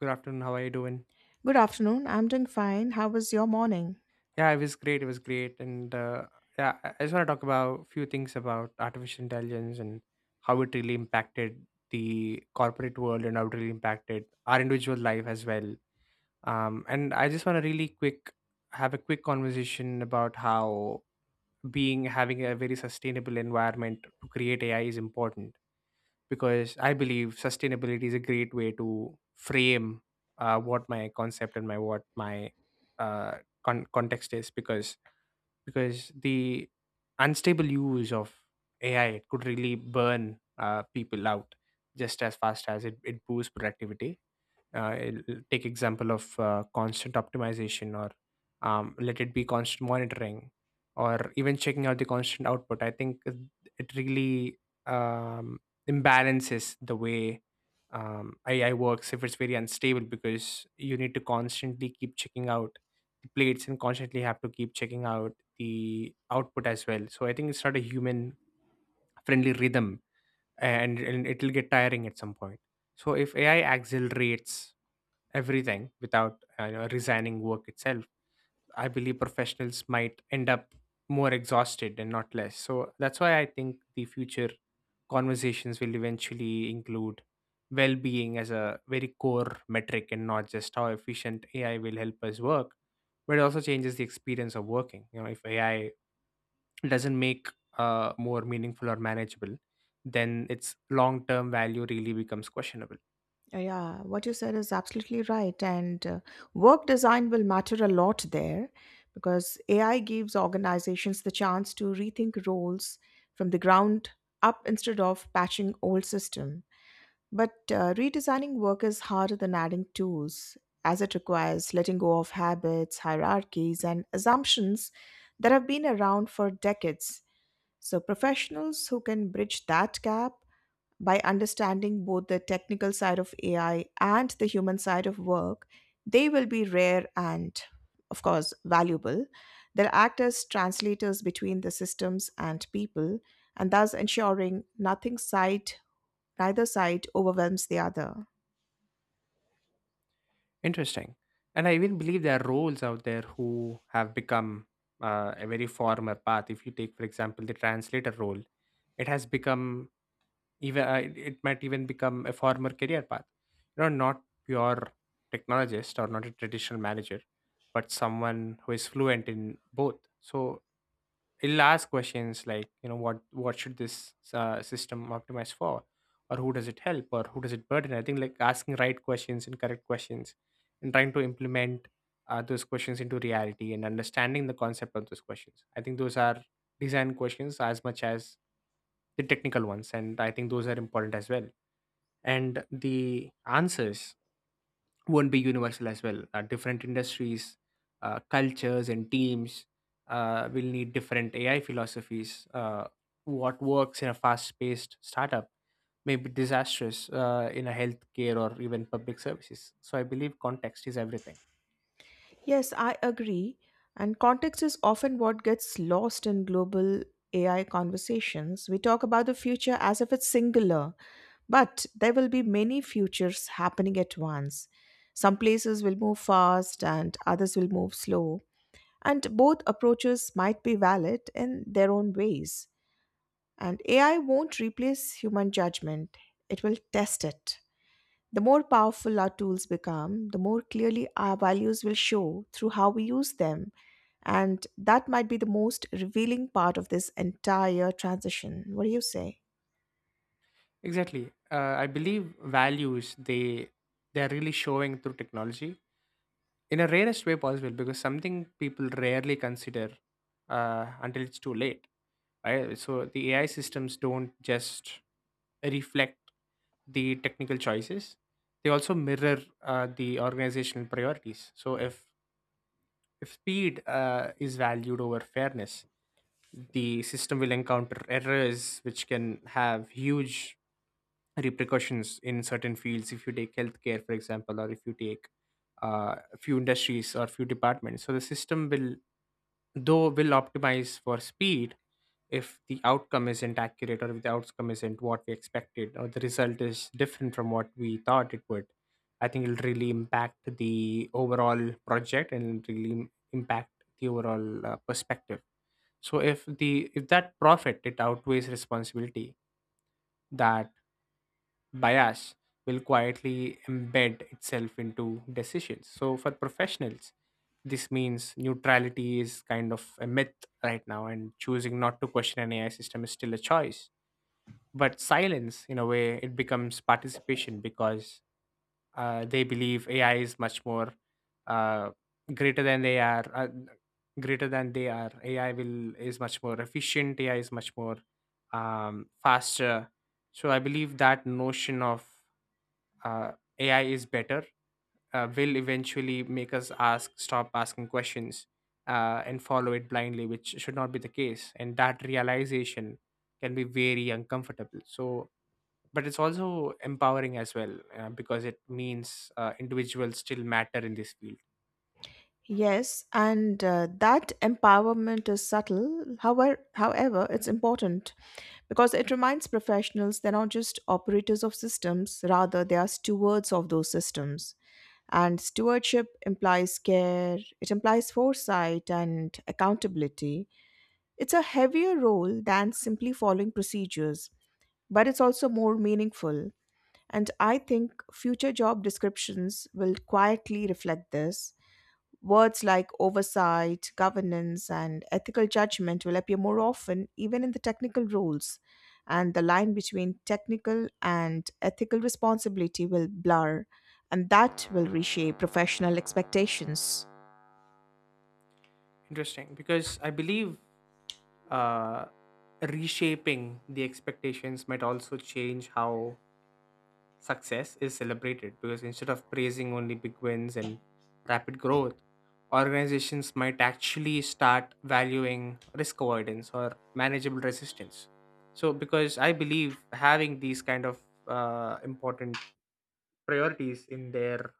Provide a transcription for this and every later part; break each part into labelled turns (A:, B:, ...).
A: Good afternoon. How are you doing?
B: Good afternoon. I'm doing fine. How was your morning?
A: Yeah, it was great. It was great. And yeah, I just want to talk about a few things about artificial intelligence and how it really impacted the corporate world and how it really impacted our individual life as well. And I just want to really quick have a quick conversation about how being having a very sustainable environment to create AI is important because I believe sustainability is a great way to frame what my concept and my what my uh, context is because the unstable use of AI, it could really burn people out just as fast as it boosts productivity. Take example of constant optimization, or let it be constant monitoring, or even checking out the constant output. I think it really um, imbalances the way AI works if it's very unstable, because you need to constantly keep checking out the plates and constantly have to keep checking out the output as well. So I think it's not a human friendly rhythm, and it'll get tiring at some point. So if AI accelerates everything without resigning work itself, I believe professionals might end up more exhausted and not less. So that's why I think the future conversations will eventually include well-being as a very core metric, and not just how efficient AI will help us work, but it also changes the experience of working. You know, if AI doesn't make more meaningful or manageable, then its long-term value really becomes questionable.
B: Yeah, what you said is absolutely right. And work design will matter a lot there because AI gives organizations the chance to rethink roles from the ground up instead of patching old system. But redesigning work is harder than adding tools, as it requires letting go of habits, hierarchies, and assumptions that have been around for decades. So professionals who can bridge that gap by understanding both the technical side of AI and the human side of work, they will be rare and, of course, valuable. They'll act as translators between the systems and people, and thus ensuring nothing side, neither side overwhelms the other.
A: Interesting. And I even believe there are roles out there who have become a very former path. If you take, for example, the translator role, it has become even, uh, it might even become a former career path. You know, not pure technologist or not a traditional manager, but someone who is fluent in both. So it'll ask questions like, you know, what should this system optimize for, or who does it help, or who does it burden? I think, like, asking right questions and correct questions and trying to implement those questions into reality and understanding the concept of those questions, I think those are design questions as much as the technical ones, and I think those are important as well. And the answers won't be universal as well. Different industries, cultures, and teams will need different AI philosophies. What works in a fast paced startup may be disastrous in a healthcare or even public services. So I believe context is everything.
B: Yes, I agree. And context is often what gets lost in global AI conversations. We talk about the future as if it's singular, but there will be many futures happening at once. Some places will move fast and others will move slow. And both approaches might be valid in their own ways. And AI won't replace human judgment, it will test it. The more powerful our tools become, the more clearly our values will show through how we use them. And that might be the most revealing part of this entire transition. What do you say?
A: Exactly. I believe values, they're really showing through technology in a rarest way possible, because something people rarely consider until it's too late. So the AI systems don't just reflect the technical choices; they also mirror the organizational priorities. So if speed is valued over fairness, the system will encounter errors which can have huge repercussions in certain fields. If you take healthcare, for example, or if you take a few industries or few departments, so the system will though will optimize for speed. If the outcome isn't accurate, or if the outcome isn't what we expected, or the result is different from what we thought it would, I think it'll really impact the overall project, and it'll impact the overall perspective. So if that profit it outweighs responsibility, that bias will quietly embed itself into decisions. So for professionals, this means neutrality is kind of a myth right now, and choosing not to question an AI system is still a choice. But silence, in a way, it becomes participation, because they believe AI is much more uh, greater than they are. AI will is much more efficient, AI is much more faster. So I believe that notion of uh, AI is better will eventually make us ask stop asking questions and follow it blindly, which should not be the case. And that realization can be very uncomfortable. So, but it's also empowering as well, because it means individuals still matter in this field.
B: Yes, and that empowerment is subtle. However, it's important because it reminds professionals they're not just operators of systems, rather, they are stewards of those systems. And stewardship implies care, it implies foresight and accountability. It's a heavier role than simply following procedures, but it's also more meaningful. And I think future job descriptions will quietly reflect this. Words like oversight, governance, and ethical judgment will appear more often, even in the technical roles. And the line between technical and ethical responsibility will blur, and that will reshape professional expectations.
A: Interesting, because I believe uh, reshaping the expectations might also change how success is celebrated, because instead of praising only big wins and rapid growth, organizations might actually start valuing risk avoidance or manageable resistance. So, because I believe having these kind of important priorities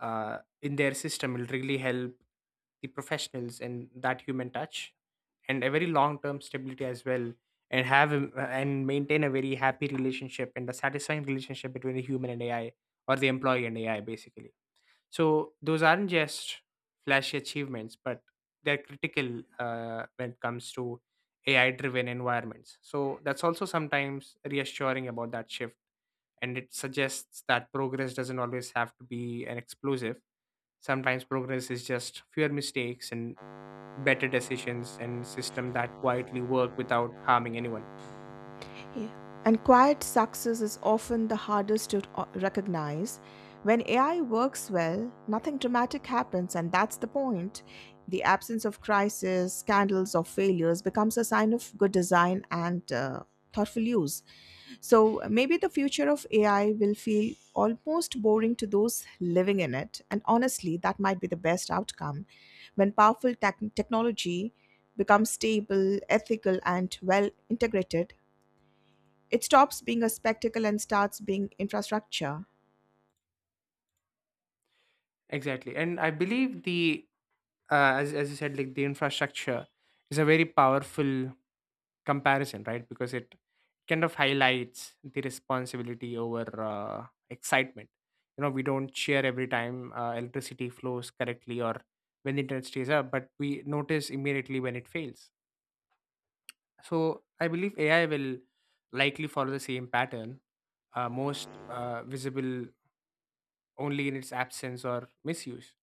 A: in their system will really help the professionals and that human touch, and a very long term stability as well, and and maintain a very happy relationship and a satisfying relationship between the human and AI, or the employee and AI, basically. So those aren't just flashy achievements, but they're critical when it comes to AI driven environments. So that's also sometimes reassuring about that shift. And it suggests that progress doesn't always have to be an explosive. Sometimes progress is just fewer mistakes and better decisions and system that quietly work without harming anyone.
B: Yeah. And quiet success is often the hardest to recognize. When AI works well, nothing dramatic happens, and that's the point. The absence of crisis, scandals, or failures becomes a sign of good design and thoughtful use. So maybe the future of AI will feel almost boring to those living in it. And honestly, that might be the best outcome. When powerful technology becomes stable, ethical, and well integrated, it stops being a spectacle and starts being infrastructure.
A: Exactly, and I believe the as you said, like, the infrastructure is a very powerful comparison, right? Because it kind of highlights the responsibility over excitement. You know, we don't share every time electricity flows correctly or when the internet stays up, but we notice immediately when it fails. So I believe AI will likely follow the same pattern, most visible only in its absence or misuse.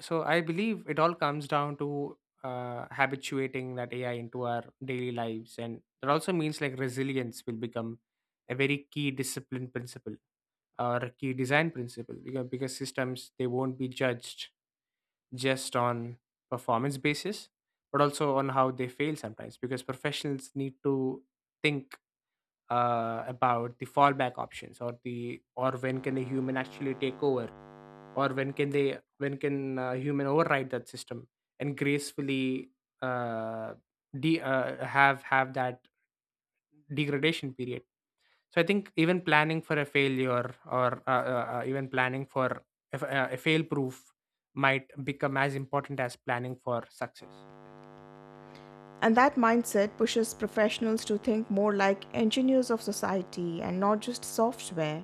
A: So I believe it all comes down to habituating that AI into our daily lives, and that also means, like, resilience will become a very key discipline principle, or a key design principle, because systems they won't be judged just on performance basis, but also on how they fail sometimes, because professionals need to think about the fallback options, or the, or when can a human actually take over, or when can they when can human override that system and gracefully uh, have that degradation period. So I think even planning for a failure, or even planning for a fail proof, might become as important as planning for success.
B: And that mindset pushes professionals to think more like engineers of society and not just software.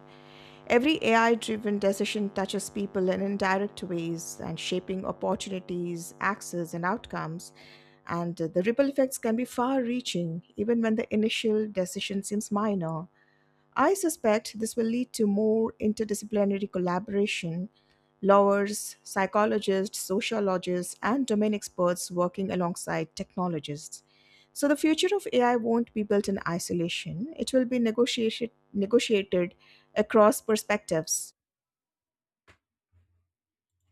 B: Every AI driven decision touches people in indirect ways and shaping opportunities, access, and outcomes. And the ripple effects can be far reaching, even when the initial decision seems minor. I suspect this will lead to more interdisciplinary collaboration, lawyers, psychologists, sociologists, and domain experts working alongside technologists. So the future of AI won't be built in isolation. It will be negotiated across perspectives.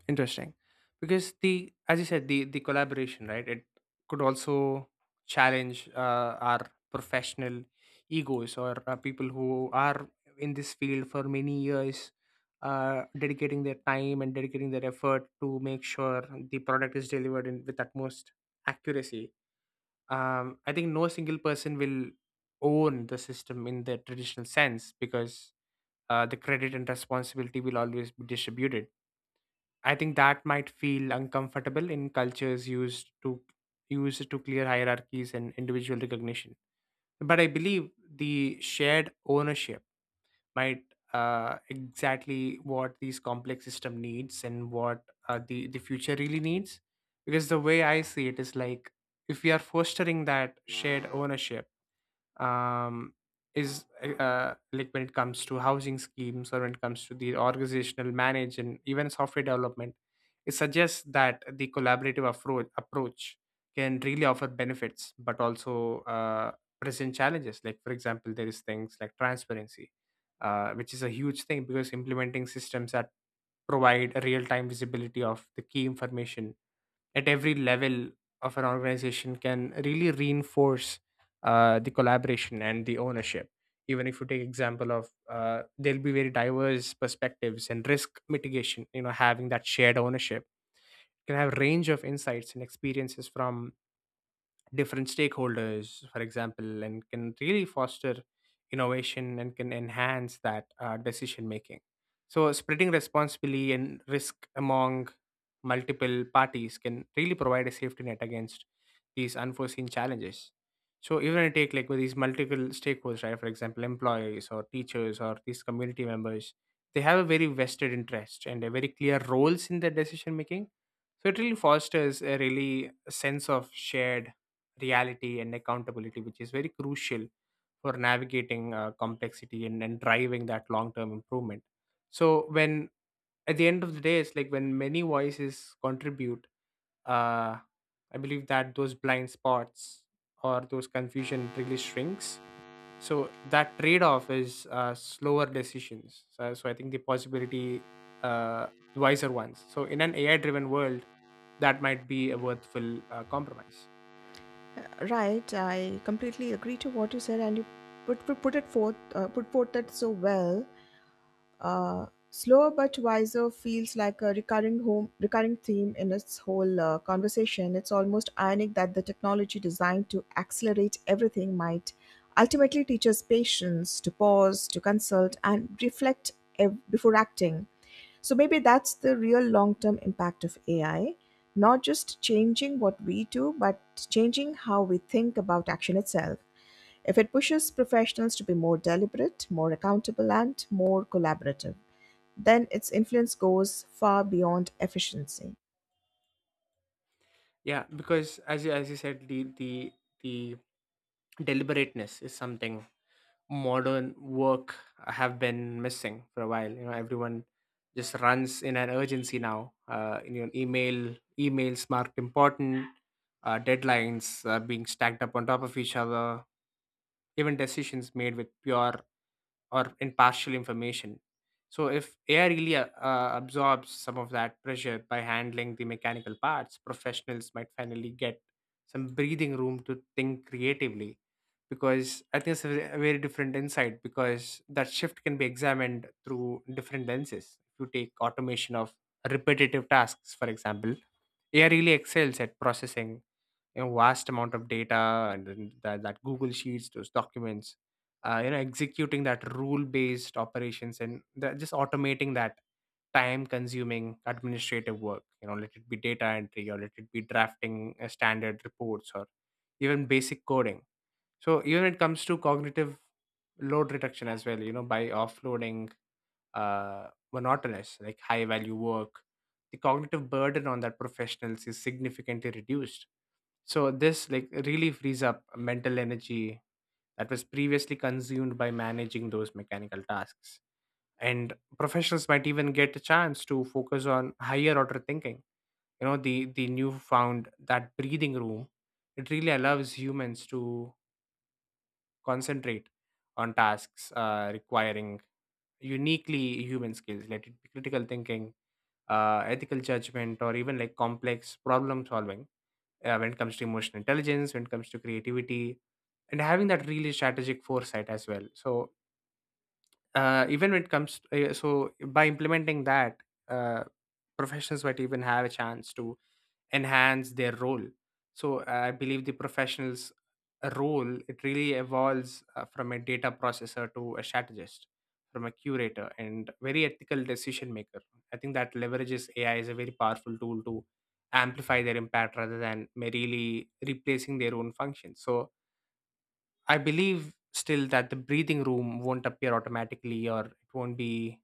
A: Interesting. Because the, as you said, the collaboration, right? It could also challenge our professional egos, or people who are in this field for many years, dedicating their time and dedicating their effort to make sure the product is delivered in, with utmost accuracy. I think no single person will own the system in the traditional sense, because the credit and responsibility will always be distributed. I think that might feel uncomfortable in cultures used to clear hierarchies and individual recognition. But I believe the shared ownership might exactly what these complex system needs, and what uh, the future really needs. Because the way I see it is like, if we are fostering that shared ownership, um, is like, when it comes to housing schemes, or when it comes to the organizational manage, and even software development, it suggests that the collaborative approach can really offer benefits, but also present challenges. Like, for example, there is things like transparency, which is a huge thing, because implementing systems that provide a real-time visibility of the key information at every level of an organization can really reinforce the collaboration and the ownership. Even if you take example of there'll be very diverse perspectives and risk mitigation, you know, having that shared ownership can have range of insights and experiences from different stakeholders, for example, and can really foster innovation and can enhance that decision making. So, spreading responsibility and risk among multiple parties can really provide a safety net against these unforeseen challenges. So, even I take like, with these multiple stakeholders, right? For example, employees, or teachers, or these community members, they have a very vested interest and a very clear roles in their decision making. So, it really fosters a really sense of shared reality and accountability, which is very crucial for navigating complexity, and driving that long term improvement. So, when at the end of the day, it's like when many voices contribute, uh, I believe that those blind spots or those confusion really shrinks. So, that trade off is slower decisions. So, I think the possibility, uh, wiser ones. So, in an AI driven world, that might be a worthwhile compromise.
B: Right, I completely agree to what you said, and you put it forth put forth that so well. Slower but wiser feels like a recurring theme in its whole conversation. It's almost ironic that the technology designed to accelerate everything might ultimately teach us patience, to pause, to consult, and reflect before acting. So maybe that's the real long-term impact of AI, not just changing what we do, but changing how we think about action itself. If it pushes professionals to be more deliberate, more accountable, and more collaborative, then its influence goes far beyond efficiency.
A: Yeah, because as you said, the the deliberateness is something modern work have been missing for a while. You know, everyone just runs in an urgency now. Emails marked important, deadlines being stacked up on top of each other, even decisions made with pure or impartial information. So, if AI really absorbs some of that pressure by handling the mechanical parts, professionals might finally get some breathing room to think creatively. Because I think it's a very different insight, because that shift can be examined through different lenses. If you take automation of repetitive tasks, for example, AI really excels at processing a vast amount of data and then that Google Sheets, those documents, executing that rule-based operations and just automating that time-consuming administrative work. You know, let it be data entry or let it be drafting standard reports or even basic coding. So even it comes to cognitive load reduction as well. You know, by offloading monotonous, like high value work, the cognitive burden on that professionals is significantly reduced. So this like really frees up mental energy that was previously consumed by managing those mechanical tasks. And professionals might even get a chance to focus on higher order thinking. You know, the newfound that breathing room, it really allows humans to concentrate on tasks requiring uniquely human skills, let it be critical thinking, ethical judgment or even like complex problem solving when it comes to emotional intelligence when it comes to creativity and having that really strategic foresight as well. So even when it comes so by implementing that uh, professionals might even have a chance to enhance their role. So I believe the professional's role it really evolves from a data processor to a strategist, from a curator and very ethical decision maker. I think that leverages AI is a very powerful tool to amplify their impact rather than merely replacing their own functions. So I believe still that the breathing room won't appear automatically or it won't be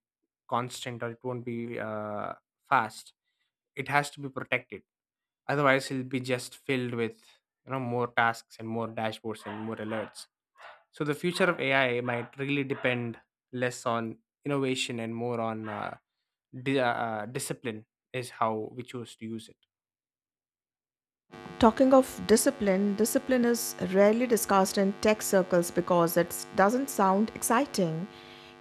A: constant or it won't be fast. It has to be protected. Otherwise, it'll be just filled with, you know, more tasks and more dashboards and more alerts. So the future of AI might really depend less on innovation and more on discipline is how we choose to use it.
B: Talking of discipline, discipline is rarely discussed in tech circles because it doesn't sound exciting.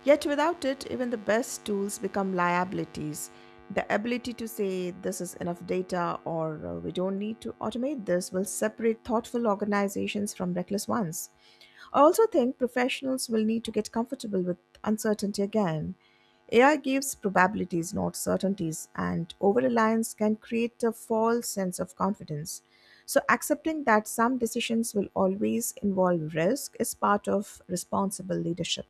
B: Yet, without it, even the best tools become liabilities. The ability to say this is enough data or we don't need to automate this will separate thoughtful organizations from reckless ones. I also think professionals will need to get comfortable with uncertainty again. AI gives probabilities, not certainties, and over reliance can create a false sense of confidence. So, accepting that some decisions will always involve risk is part of responsible leadership.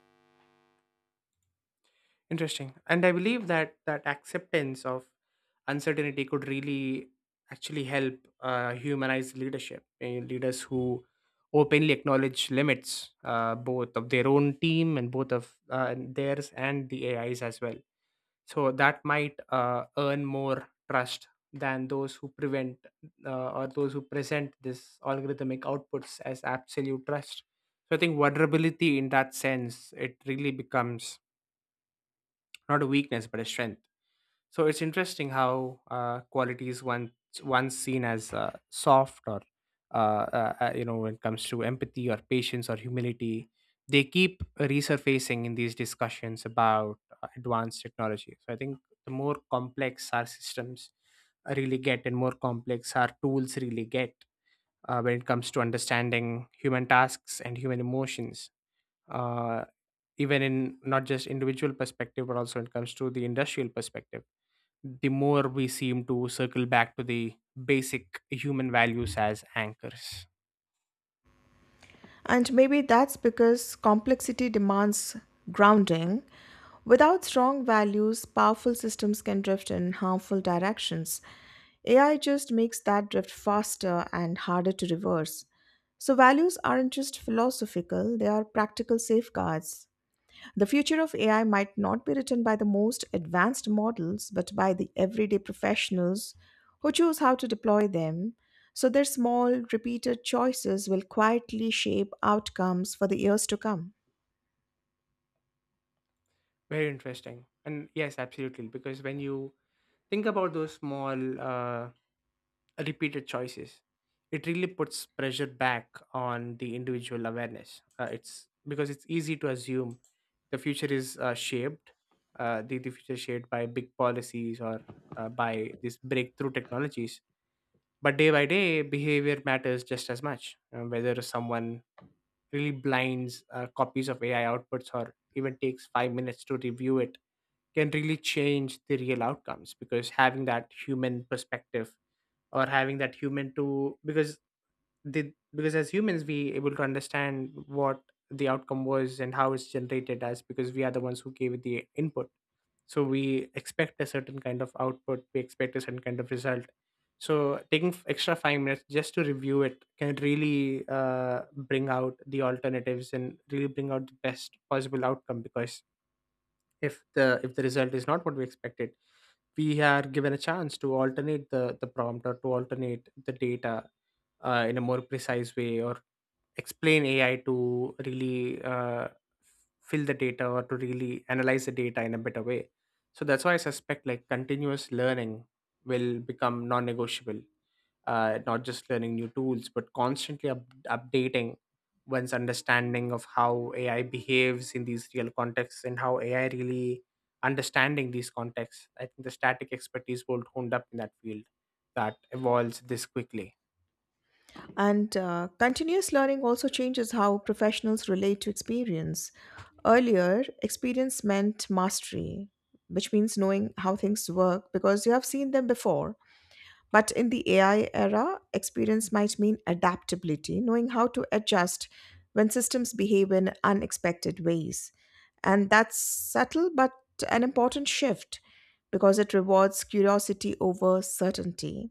A: Interesting, and I believe that acceptance of uncertainty could really actually help humanize leadership. Leaders who openly acknowledge limits, both of their own team and both of theirs and the AIs as well, so that might earn more trust than those who prevent or those who present this algorithmic outputs as absolute trust. So I think vulnerability in that sense it really becomes not a weakness but a strength. So it's interesting how qualities once seen as soft or you know, when it comes to empathy or patience or humility, they keep resurfacing in these discussions about advanced technology. So I think the more complex our systems really get, and more complex our tools really get when it comes to understanding human tasks and human emotions. Uh, Even in not just individual perspective but also when it comes to the industrial perspective, the more we seem to circle back to the basic human values as anchors.
B: And maybe that's because complexity demands grounding. Without strong values, powerful systems can drift in harmful directions. AI just makes that drift faster and harder to reverse. So, values aren't just philosophical, they are practical safeguards. The future of AI might not be written by the most advanced models, but by the everyday professionals who choose how to deploy them. So their small, repeated choices will quietly shape outcomes for the years to come.
A: Very interesting. And yes, absolutely. Because when you think about those small repeated choices, it really puts pressure back on the individual awareness. It's because it's easy to assume the future is the future is shaped by big policies or by these breakthrough technologies. But day by day, behavior matters just as much. Whether someone really blinds copies of AI outputs or even takes 5 minutes to review it can really change the real outcomes, because having that human perspective or having that human to, because the because as humans we able to understand what the outcome was and how it's generated, as because we are the ones who gave it the input, so we expect a certain kind of output, we expect a certain kind of result. So taking extra 5 minutes just to review it can really bring out the alternatives and really bring out the best possible outcome, because if the result is not what we expected, we are given a chance to alternate the prompt or to alternate the data in a more precise way or explain AI to really fill the data or to really analyze the data in a better way. So that's why I suspect like continuous learning will become non-negotiable. Not just learning new tools, but constantly updating one's understanding of how AI behaves in these real contexts and how AI really understanding these contexts. I think the static expertise will honed up in that field that evolves this quickly.
B: And continuous learning also changes how professionals relate to experience. Earlier, experience meant mastery, which means knowing how things work because you have seen them before. But in the AI era, experience might mean adaptability, knowing how to adjust when systems behave in unexpected ways. And that's subtle but an important shift because it rewards curiosity over certainty.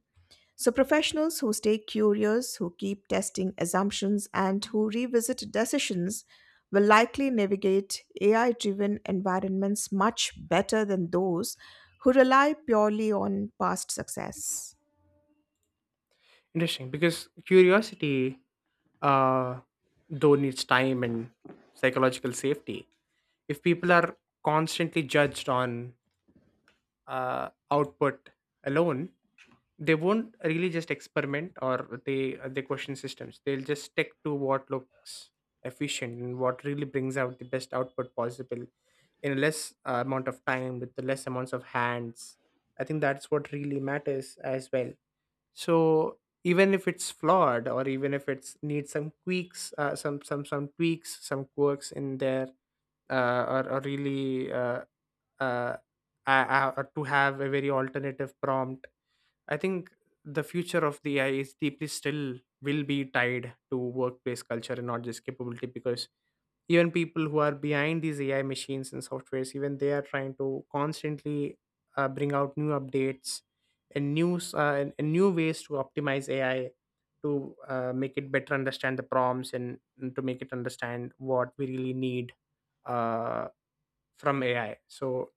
B: So, professionals who stay curious, who keep testing assumptions, and who revisit decisions will likely navigate AI driven environments much better than those who rely purely on past success.
A: Interesting, because curiosity uh, though needs time and psychological safety. If people are constantly judged on output alone, they won't really just experiment or they question systems. They'll just stick to what looks efficient and what really brings out the best output possible in a less amount of time with the less amounts of hands. I think that's what really matters as well. So even if it's flawed or even if it's needs some tweaks, some tweaks, some quirks in there, uh, or, or really uh, uh, or to have a very alternative prompt. I think the future of the AI is deeply still will be tied to workplace culture and not just capability, because even people who are behind these AI machines and softwares, even they are trying to constantly bring out new updates and and new ways to optimize AI to make it better understand the prompts and to make it understand what we really need uh, from AI. So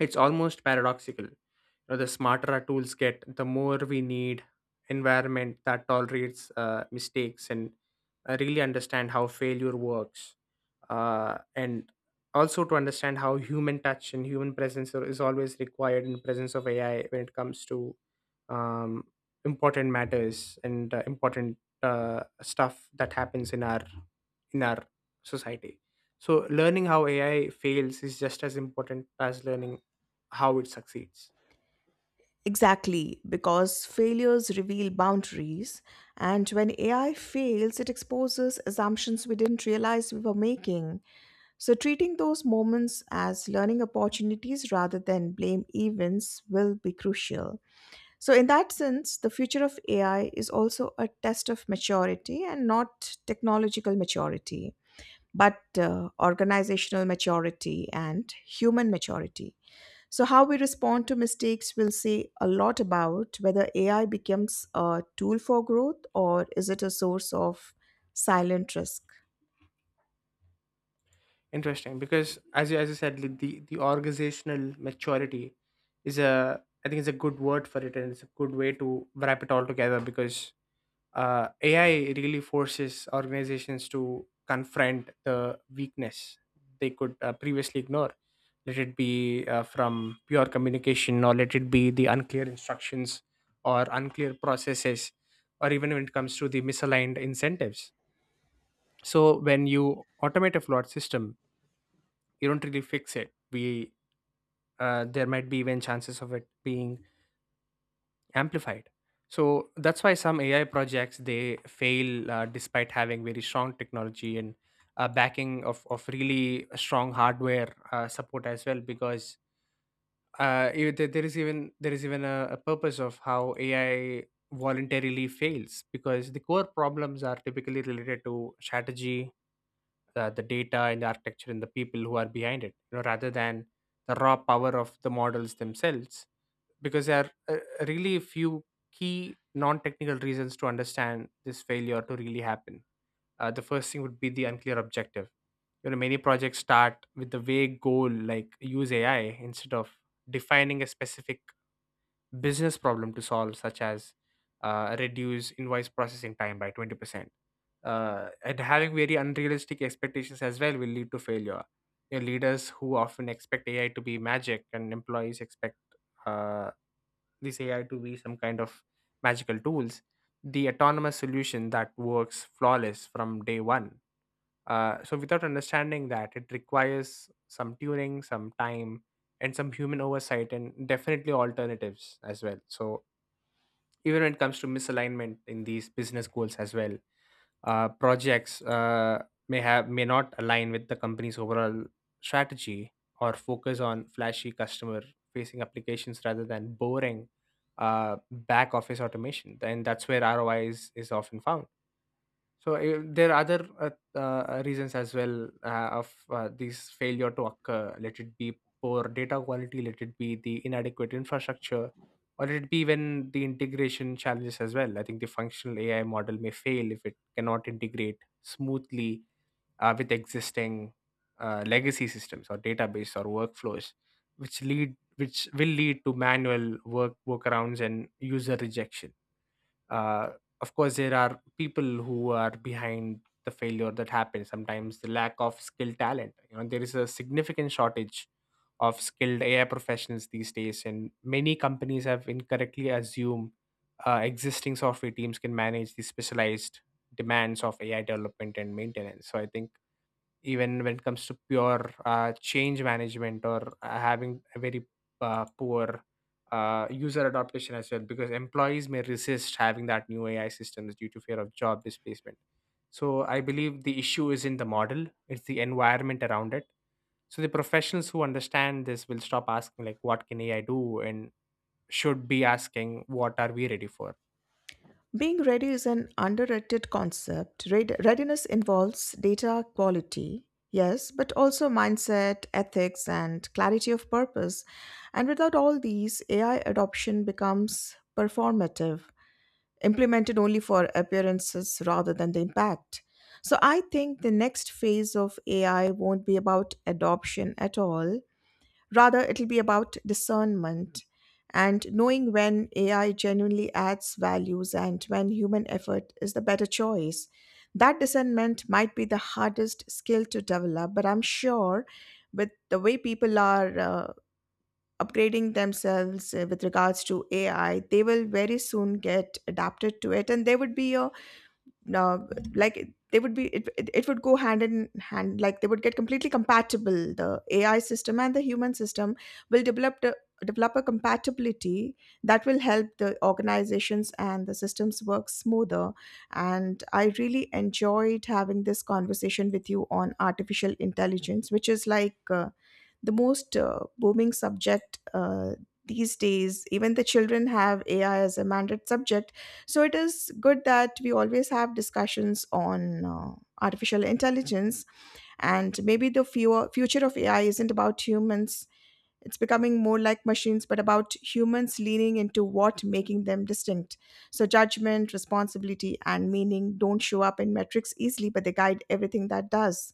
A: it's almost paradoxical. You know, the smarter our tools get, the more we need environment that tolerates mistakes and really understand how failure works, and also to understand how human touch and human presence is always required in presence of AI when it comes to um, important matters and important stuff that happens in our society. So learning how AI fails is just as important as learning how it succeeds.
B: Exactly, because failures reveal boundaries, and when AI fails, it exposes assumptions we didn't realize we were making. So, treating those moments as learning opportunities rather than blame events will be crucial. So, in that sense, the future of AI is also a test of maturity and not technological maturity, but organizational maturity and human maturity. So, how we respond to mistakes will say a lot about whether AI becomes a tool for growth or is it a source of silent risk.
A: Interesting, because as you said like, the organizational maturity is a I think it's a good word for it, and it's a good way to wrap it all together, because AI really forces organizations to confront the weakness they could previously ignore, let it be from pure communication or let it be the unclear instructions or unclear processes or even when it comes to the misaligned incentives. So when you automate a flawed system you don't really fix it. We There might be even chances of it being amplified. So that's why some AI projects they fail despite having very strong technology and backing of really strong hardware support as well, because there is even a purpose of how AI voluntarily fails, because the core problems are typically related to strategy, the data and the architecture and the people who are behind it, you know, rather than the raw power of the models themselves. Because there are really few key non-technical reasons to understand this failure to really happen. The first thing would be the unclear objective. You know, many projects start with the vague goal like use AI instead of defining a specific business problem to solve, such as reduce invoice processing time by 20%. And having very unrealistic expectations as well will lead to failure. You know, leaders who often expect AI to be magic and employees expect uh, this AI to be some kind of magical tools. The autonomous solution that works flawless from day one, so without understanding that, it requires some tuning, some time, and some human oversight, and definitely alternatives as well. So even when it comes to misalignment in these business goals as well, projects may not align with the company's overall strategy or focus on flashy customer-facing applications rather than boring back office automation. Then that's where ROI is often found. So, there are other reasons as well of these failure to occur. Let it be poor data quality, let it be the inadequate infrastructure, or let it be even the integration challenges as well. I think the functional AI model may fail if it cannot integrate smoothly with existing legacy systems or database or workflows, which will lead to manual workarounds and user rejection. uh, of course there are people who are behind the failure that happens, sometimes the lack of skilled talent. You know, there is a significant shortage of skilled AI professionals these days, and many companies have incorrectly assumed existing software teams can manage the specialized demands of AI development and maintenance. So I think even when it comes to pure change management or having a very poor user adaptation as well, because employees may resist having that new AI systems due to fear of job displacement. So I believe the issue is in the model; it's the environment around it. So the professionals who understand this will stop asking like, "What can AI do?" and should be asking, "What are we ready for?"
B: Being ready is an underrated concept. Readiness involves data quality, yes, but also mindset, ethics, and clarity of purpose. And without all these, AI adoption becomes performative, implemented only for appearances rather than the impact. So I think the next phase of AI won't be about adoption at all. Rather, it'll be about discernment and knowing when AI genuinely adds values and when human effort is the better choice. That discernment might be the hardest skill to develop, but I'm sure with the way people are upgrading themselves with regards to AI, they will very soon get adapted to it and there would be a now like they would be it, it, it would go hand in hand, like they would get completely compatible. The AI system and the human system will develop a compatibility that will help the organizations and the systems work smoother. And I really enjoyed having this conversation with you on artificial intelligence, which is like the most booming subject these days. Even the children have AI as a mandate subject. So it is good that we always have discussions on artificial intelligence. And maybe the future of AI isn't about humans. It's becoming more like machines, but about humans leaning into what making them distinct. So, judgment, responsibility, and meaning don't show up in metrics easily, but they guide everything that does.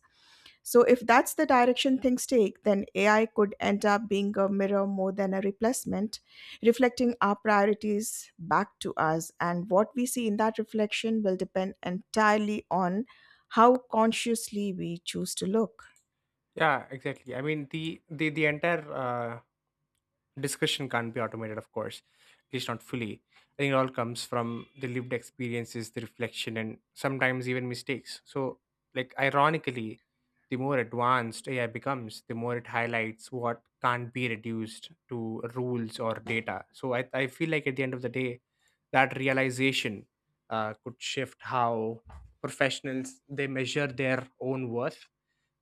B: So, if that's the direction things take, then AI could end up being a mirror more than a replacement, reflecting our priorities back to us. And what we see in that reflection will depend entirely on how consciously we choose to look.
A: Yeah, exactly. I mean, the entire discussion can't be automated, of course, at least not fully. I think it all comes from the lived experiences, the reflection, and sometimes even mistakes. So, like, ironically, the more advanced AI becomes, the more it highlights what can't be reduced to rules or data. So I feel like at the end of the day that realization could shift how professionals they measure their own worth,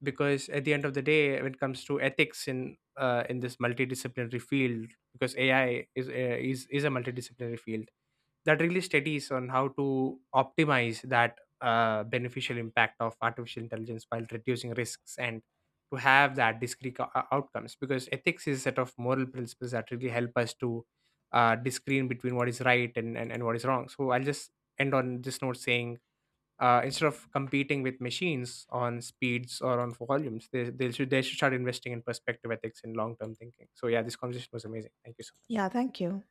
A: because at the end of the day when it comes to ethics in this multidisciplinary field, because AI is is a multidisciplinary field that really studies on how to optimize that beneficial impact of artificial intelligence while reducing risks and to have that discrete outcomes, because ethics is a set of moral principles that really help us to discern between what is right and what is wrong. So I'll just end on this note saying instead of competing with machines on speeds or on volumes, they should start investing in perspective ethics and long-term thinking. So yeah, this conversation was amazing, thank you so much.
B: Yeah, thank you.